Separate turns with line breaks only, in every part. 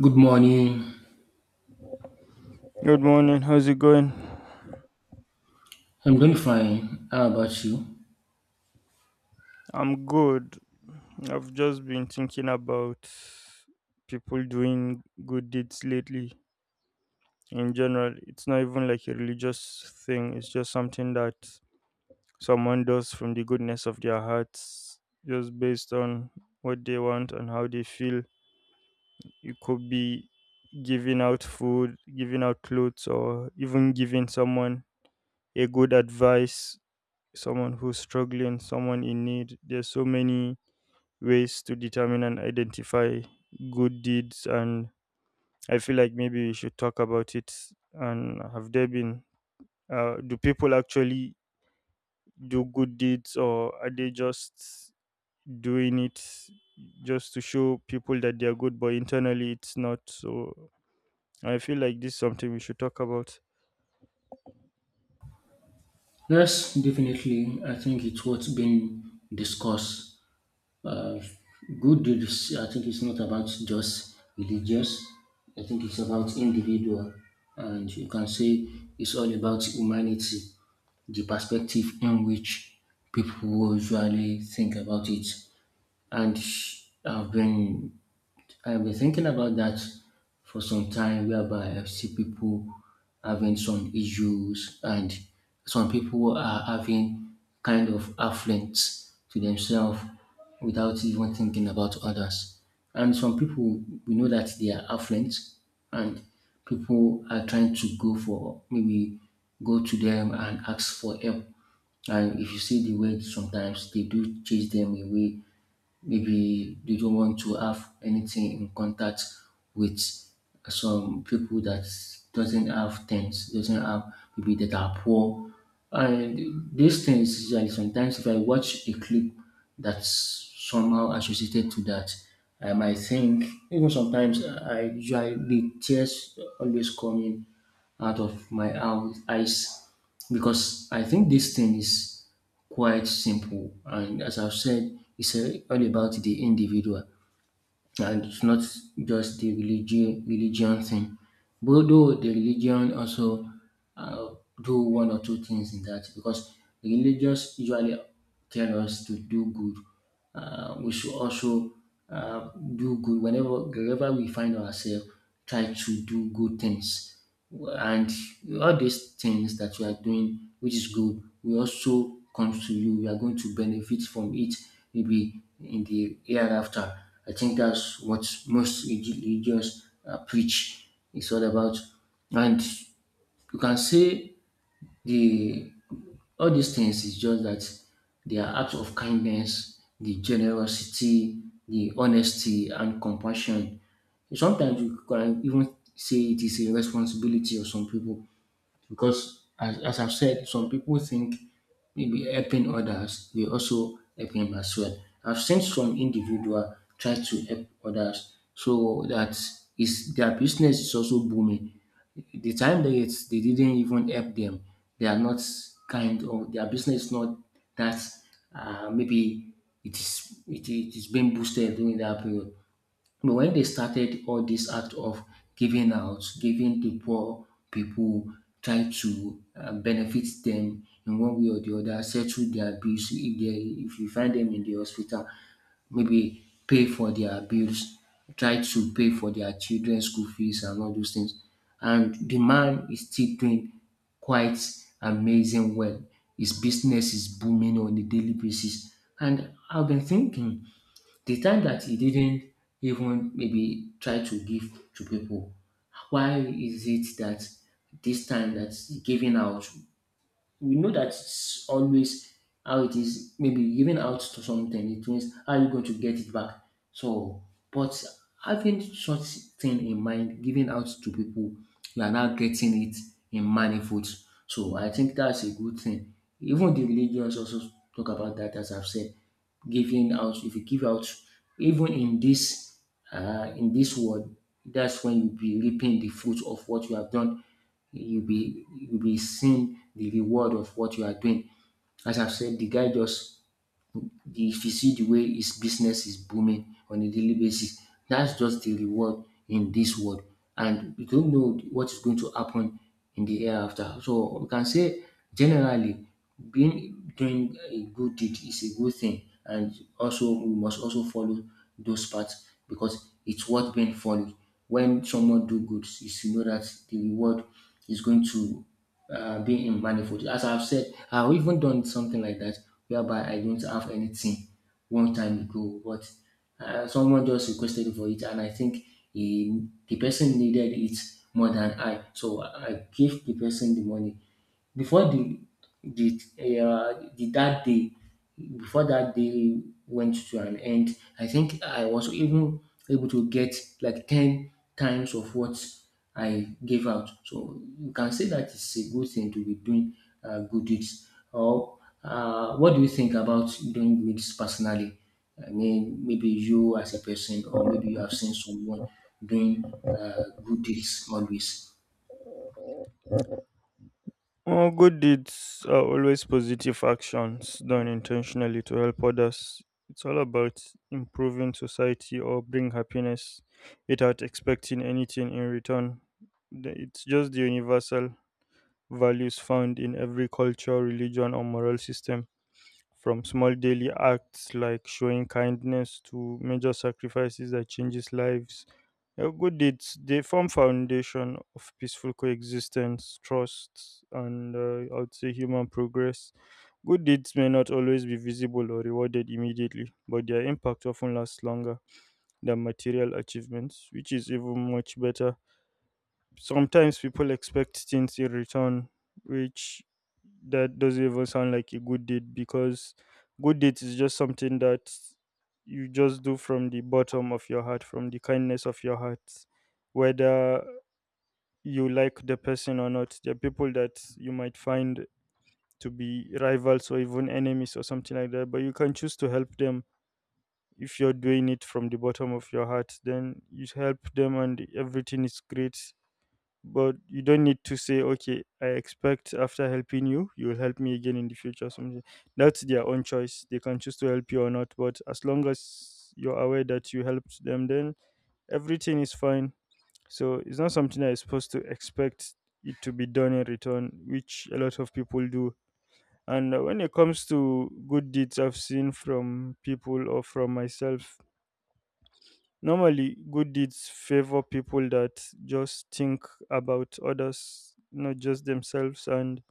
Good morning.
Good morning. How's it going?
I'm doing fine. How about you?
I'm good. I've just been thinking about people doing good deeds lately. In general, it's not even like a religious thing, it's just something that someone does from the goodness of their hearts, just based on what they want and how they feel. It could be giving out food, giving out clothes, or even giving someone a good advice, someone who's struggling, someone in need. There's so many ways to determine and identify good deeds, and I feel like maybe we should talk about it. And have there been do people actually do good deeds, or are they just doing it just to show people that they are good but internally it's not so. I feel like this is something we should talk about.
Yes, definitely. I think it's what's been discussed. Uh, Good deeds, I think it's not about just religious. I think it's about individual, and you can say it's all about humanity, the perspective in which people usually think about it. And I've been I've been thinking about that for some time, whereby I see people having some issues and some people are having kind of affluence to themselves without even thinking about others. And some people, we know that they are affluent and people are trying to go for maybe go to them and ask for help. And if you see the way sometimes they do chase them away, maybe they don't want to have anything in contact with some people that doesn't have things, doesn't have maybe that are poor. And these things usually, sometimes if I watch a clip that's somehow associated to that, I might think even sometimes I usually the tears always coming out of my eyes because I think this thing is quite simple and, as I've said, it's all about the individual and it's not just the religion thing. But though the religion also uh, do one or two things in that because the religious usually tell us to do good. We should also uh, do good whenever, wherever we find ourselves, try to do good things, and all these things that you are doing which is good will also come to you. You are going to benefit from it, maybe in the hereafter. I think that's what most religious preach. It's all about, and you can say the all these things is just that they are acts of kindness, the generosity, the honesty, and compassion. Sometimes you can even say it is a responsibility of some people because, as I've said, some people think maybe helping others will also help him as well. I've seen some individual try to help others so that is their business is also booming. The time they didn't even help them, they are not kind of their business is not that maybe it is being boosted during that period. But when they started all this act of giving out, giving to poor people, try to benefit them in one way or the other, settle their bills if they if you find them in the hospital, maybe pay for their bills, try to pay for their children's school fees and all those things. And the man is still doing quite amazing well. His business is booming on a daily basis. And I've been thinking the time that he didn't even maybe try to give to people, why is it that this time that he's giving out, we know that it's always how it is. Maybe giving out to something, it means how you going to get it back. So, but having such thing in mind, giving out to people, you are now getting it in manifolds. So I think that's a good thing. Even the religions also talk about that, as I've said, giving out. If you give out, even in this world, that's when you'll be reaping the fruit of what you have done. You'll be seeing the reward of what you are doing. As I've said, the guy just the if you see the way his business is booming on a daily basis, that's just the reward in this world. And you don't know what is going to happen in the hereafter. So we can say generally being doing a good deed is a good thing and also we must also follow those paths because it's worth being followed. When someone do good, you should know that the reward is going to being in manifold. As I've said, I've even done something like that whereby I don't have anything one time ago, but someone just requested for it, and I think he, the person needed it more than I. So I gave the person the money, before the the that day, before that day went to an end, I think I was even able to get like 10 times of what I gave out. So you can say that it's a good thing to be doing good deeds. Or what do you think about doing good deeds personally? I mean, maybe you as a person, or maybe you have seen someone doing good deeds always.
Oh, good deeds are always positive actions done intentionally to help others. It's all about improving society or bring happiness without expecting anything in return. It's just the universal values found in every culture, religion, or moral system. From small daily acts like showing kindness to major sacrifices that changes lives, good deeds they form foundation of peaceful coexistence, trust, and I would say human progress. Good deeds may not always be visible or rewarded immediately, but their impact often lasts longer than material achievements, which is even much better. Sometimes people expect things in return, which that doesn't even sound like a good deed, because good deeds is just something that you just do from the bottom of your heart, from the kindness of your heart. Whether you like the person or not, there are people that you might find to be rivals or even enemies or something like that, but you can choose to help them. If you're doing it from the bottom of your heart, then you help them and everything is great. But you don't need to say, okay, I expect after helping you, you will help me again in the future. Something, that's their own choice. They can choose to help you or not, but as long as you're aware that you helped them, then everything is fine. So it's not something that is supposed to expect it to be done in return, which a lot of people do. And when it comes to good deeds, I've seen from people or from myself. Normally, good deeds favor people that just think about others, not just themselves. And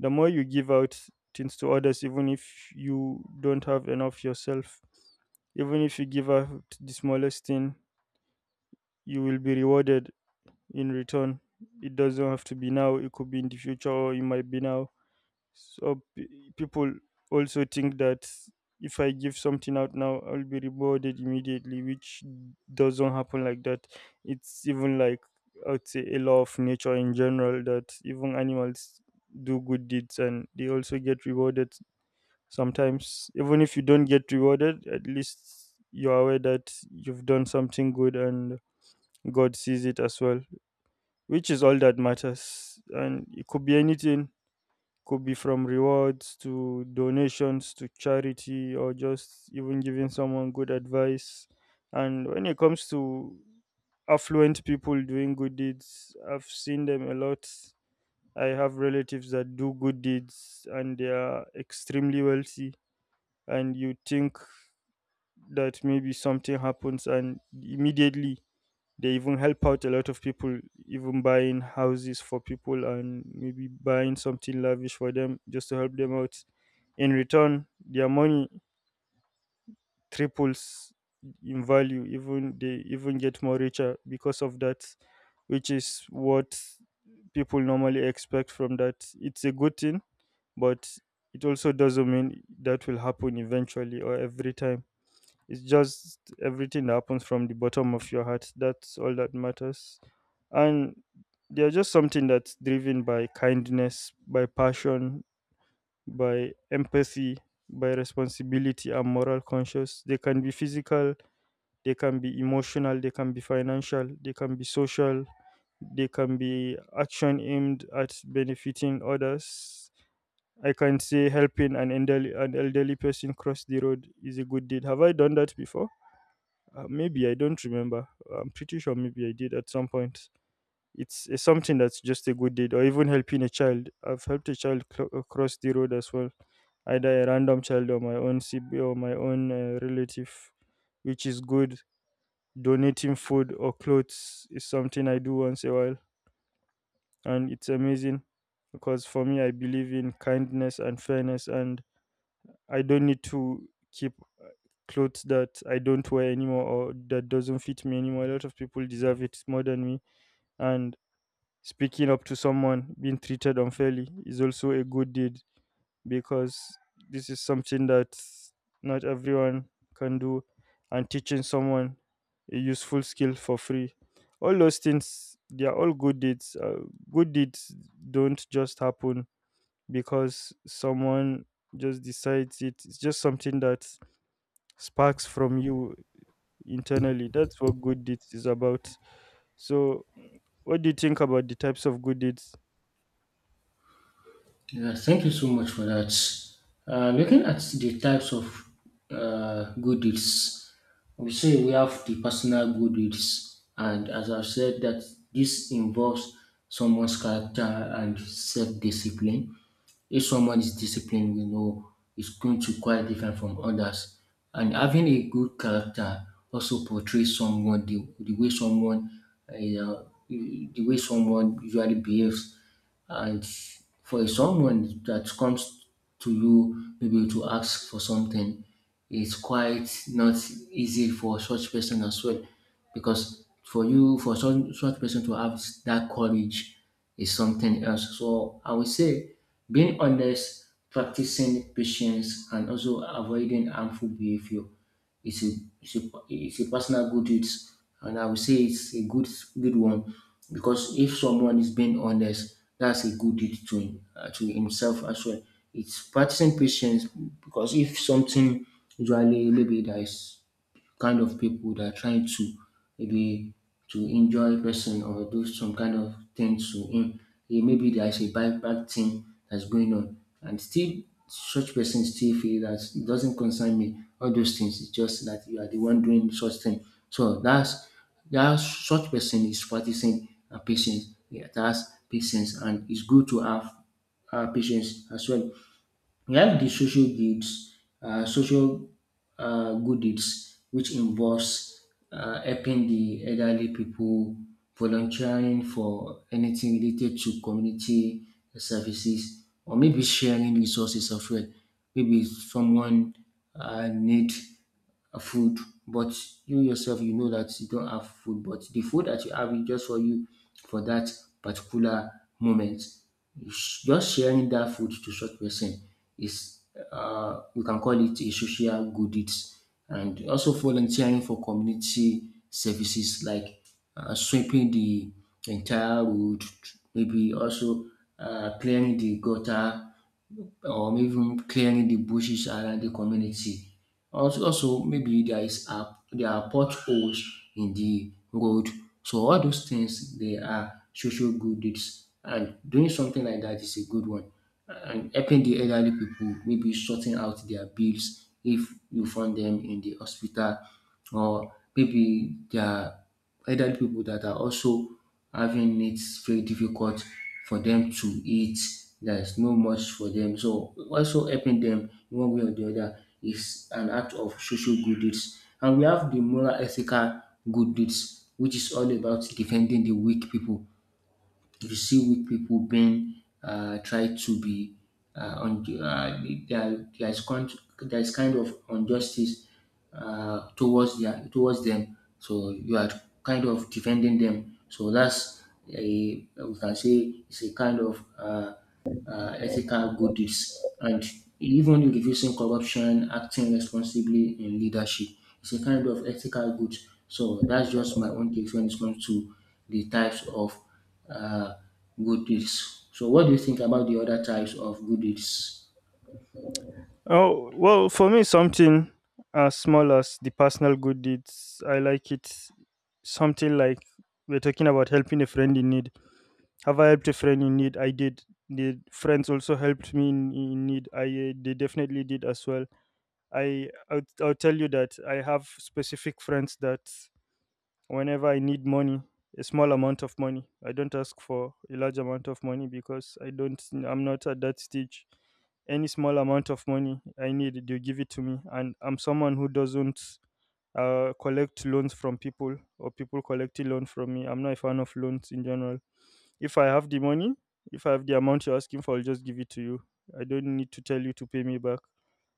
the more you give out things to others, even if you don't have enough yourself, even if you give out the smallest thing, you will be rewarded in return. It doesn't have to be now, it could be in the future, or it might be now. So people also think that if I give something out now, I'll be rewarded immediately, which doesn't happen like that. It's even like, I would say, a law of nature in general that even animals do good deeds and they also get rewarded sometimes. Even if you don't get rewarded, at least you're aware that you've done something good and God sees it as well, which is all that matters. And it could be anything. Could be from rewards to donations to charity or just even giving someone good advice. And when it comes to affluent people doing good deeds, I've seen them a lot. I have relatives that do good deeds and they are extremely wealthy. And you think that maybe something happens, and immediately they even help out a lot of people, even buying houses for people and maybe buying something lavish for them just to help them out. In return, their money triples in value. Even they even get more richer because of that, which is what people normally expect from that. It's a good thing, but it also doesn't mean that will happen eventually or every time. It's just everything that happens from the bottom of your heart. That's all that matters. And they're just something that's driven by kindness, by passion, by empathy, by responsibility and moral conscious. They can be physical, they can be emotional, they can be financial, they can be social, they can be action aimed at benefiting others. I can say helping an elderly person cross the road is a good deed. Have I done that before? Maybe I don't remember. I'm pretty sure maybe I did at some point. It's something that's just a good deed, or even helping a child. I've helped a child cross the road as well, either a random child or my own sibling or my own relative, which is good. Donating food or clothes is something I do once in a while, and it's amazing because for me, I believe in kindness and fairness and I don't need to keep uh, clothes that I don't wear anymore or that doesn't fit me anymore. A lot of people deserve it more than me. And speaking up to someone being treated unfairly is also a good deed, because this is something that not everyone can do. And teaching someone a useful skill for free, all those things, they are all good deeds. Good deeds don't just happen because someone just decides it. It's just something that sparks from you internally. That's what good deeds is about. So, what do you think about the types of good deeds?
Yeah, thank you so much for that. Looking at the types of good deeds, we say we have the personal good deeds, and as I've said, that this involves someone's character and self discipline. If someone is disciplined, we know is going to quite different from others. And having a good character also portrays someone the way someone uh, the way someone usually behaves. And for someone that comes to you maybe to ask for something, it's quite not easy for such person as well because for you for some such person to have that courage is something else. So I would say being honest, practicing patience, and also avoiding harmful behavior is a personal good. It's, and I would say it's a good one because if someone is being honest, that's a good deed to him, to himself as well. It's practicing patience because if something usually maybe there is kind of people that are trying to maybe to injure a person or do some kind of thing to him. Maybe there's a bad thing that's going on, and still such person still feel that it doesn't concern me. All those things, it's just that you are the one doing such thing. So that's that such person is practicing patience. Yeah, that's patience, and it's good to have patience as well. We have the social goods, social good deeds, which involves helping the elderly people, volunteering for anything related to community services, or maybe sharing resources as well. Maybe someone need food, but you yourself you know that you don't have food, but the food that you have is just for you for that particular moment. You just sharing that food to such person is we can call it a social good deeds, and also volunteering for community services like sweeping the entire road, maybe also clearing the gutter or maybe even clearing the bushes around the community. Also, maybe there is a there are potholes in the road. So all those things they are social good deeds, and doing something like that is a good one. And helping the elderly people, maybe sorting out their bills if you find them in the hospital, or maybe they elderly people that are also having it very difficult for them to eat. There's no much for them. So also helping them in one way or the other is an act of social good deeds. And we have the moral ethical good deeds which is all about defending the weak people. If you see weak people being tried to be on the, there, there is kind of injustice towards them. So you are kind of defending them. So that's a we can say it's a kind of ethical good deeds, and even reducing corruption, acting responsibly in leadership. It's a kind of ethical good. So that's just my own take when it comes to the types of uh, good deeds. So what do you think about the other types of good deeds?
Oh, well, for me, something as small as the personal good deeds, I like it. Something like we're talking about helping a friend in need. Have I helped a friend in need? I did. The friends also helped me in need. I They definitely did as well. I'll tell you that I have specific friends that whenever I need money, a small amount of money. I don't ask for a large amount of money, because I'm not at that stage. Any small amount of money I need, they give it to me. And I'm someone who doesn't collect loans from people or people collecting loan from me. I'm not a fan of loans in general. If I have the money, if I have the amount you're asking for, I'll just give it to you. I don't need to tell you to pay me back.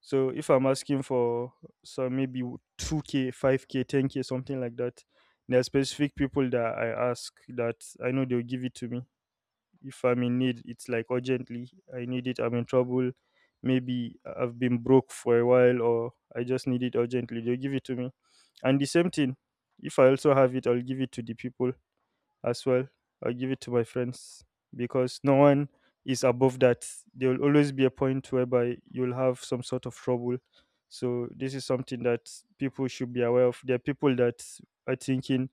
So if I'm asking for some, maybe 2K, 5K, 10K, something like that, there are specific people that I ask that I know they'll give it to me. If I'm in need, it's like urgently, I need it, I'm in trouble. Maybe I've been broke for a while or I just need it urgently, they'll give it to me. And the same thing, if I also have it, I'll give it to the people as well. I give it to my friends because no one is above that. There will always be a point whereby you'll have some sort of trouble. So this is something that people should be aware of. There are people that are thinking,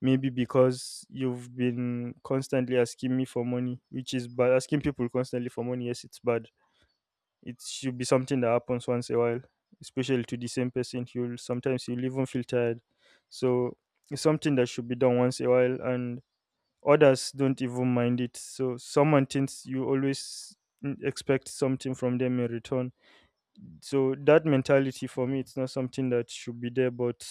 maybe because you've been constantly asking me for money, which is bad. Asking people constantly for money, yes, it's bad. It should be something that happens once in a while, especially to the same person. You'll sometimes you'll even feel tired. So it's something that should be done once in a while, and others don't even mind it. So someone thinks you always expect something from them in return. So that mentality for me, it's not something that should be there, but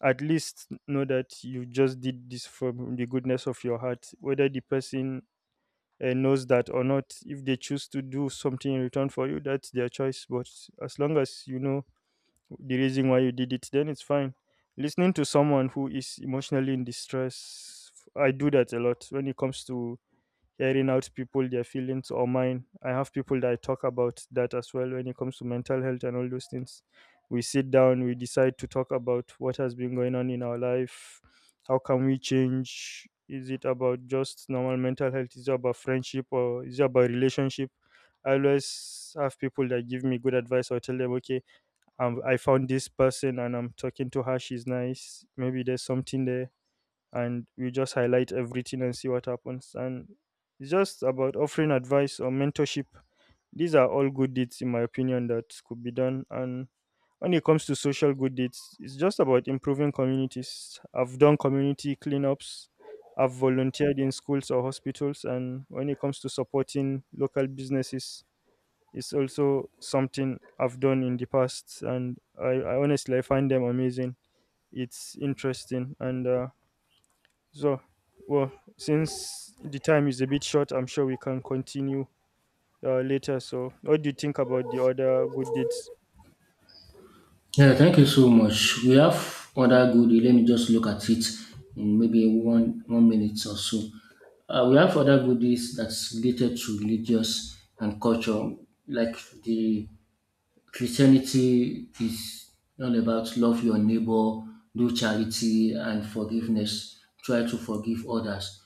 at least know that you just did this from the goodness of your heart. Whether the person knows that or not, if they choose to do something in return for you, that's their choice. But as long as you know the reason why you did it, then it's fine. Listening to someone who is emotionally in distress, I do that a lot when it comes to hearing out people, their feelings or mine. I have people that I talk about that as well when it comes to mental health and all those things. We sit down, we decide to talk about what has been going on in our life. How can we change? Is it about just normal mental health, is it about friendship, or is it about relationship? I always have people that give me good advice, or tell them, okay, I found this person and I'm talking to her, she's nice, maybe there's something there, and we just highlight everything and see what happens. And it's just about offering advice or mentorship. These are all good deeds, in my opinion, that could be done. And when it comes to social good deeds, it's just about improving communities. I've done community cleanups, I've volunteered in schools or hospitals, and when it comes to supporting local businesses, it's also something I've done in the past, and I honestly I find them amazing. It's interesting, and so, well, since the time is a bit short, I'm sure we can continue later. So, what do you think about the other good deeds?
Yeah, thank you so much. We have other good deed. Let me just look at it in maybe one one minute or so. We have other goodies that's related to religious and culture, like the Christianity is all about love your neighbor, do charity and forgiveness, try to forgive others.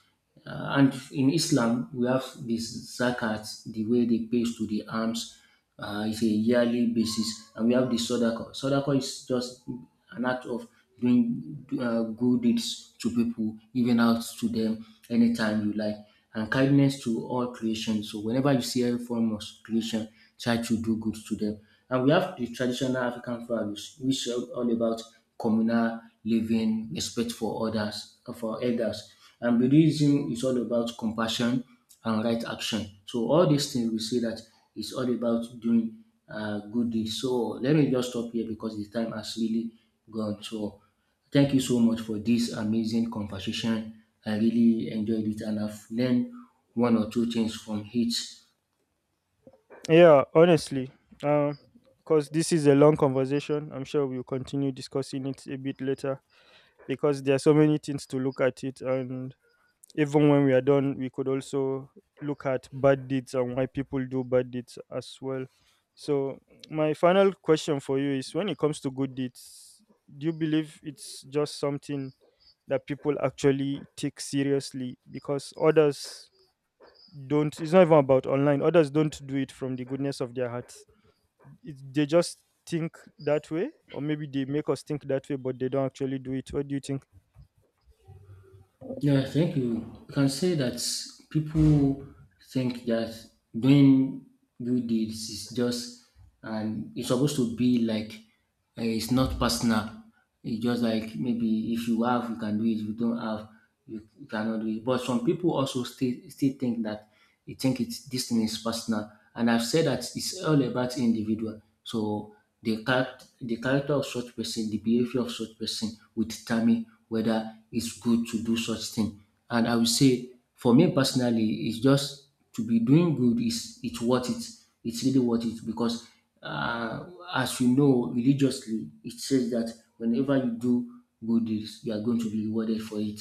And in Islam, we have this zakat, the way they pay to the alms. It's a yearly basis, and we have the sadaqa. Sadaqa is just an act of doing good deeds to people, giving out to them anytime you like, and kindness to all creation. So whenever you see any form of creation, try to do good to them. And we have the traditional African values, which are all about communal living, respect for others, for elders. And Buddhism is all about compassion and right action. So all these things we say that it's all about doing good deeds. So let me just stop here because the time has really gone. So thank you so much for this amazing conversation. I really enjoyed it and I've learned one or two things from it.
Yeah, honestly, because this is a long conversation, I'm sure we'll continue discussing it a bit later, because there are so many things to look at it. And even when we are done, we could also look at bad deeds and why people do bad deeds as well. So, my final question for you is, when it comes to good deeds, do you believe it's just something that people actually take seriously? Because others don't. It's not even about online. Others don't do it from the goodness of their hearts. They just think that way, or maybe they make us think that way, but they don't actually do it. What do you think?
Yeah, thank you. You can say that people think that doing good deeds is just, and it's supposed to be like, it's not personal. It's just like maybe if you have, you can do it. If you don't have, you cannot do it. But some people also still think that you think it's this thing is personal. And I've said that it's all about individual. So the character of such person, the behavior of such person will determine whether it's good to do such thing. And I will say, for me personally, it's just to be doing good is it's worth it. It's really worth it because uh, as you know religiously it says that whenever you do good deeds you are going to be rewarded for it,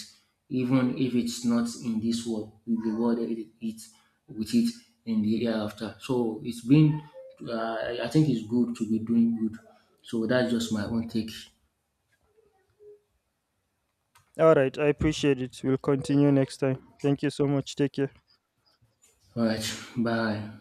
even if it's not in this world. You'll be rewarded with it in the hereafter. So it's been I think it's good to be doing good. So that's just my own take.
All right, I appreciate it. We'll continue next time. Thank you so much. Take care.
All right, bye.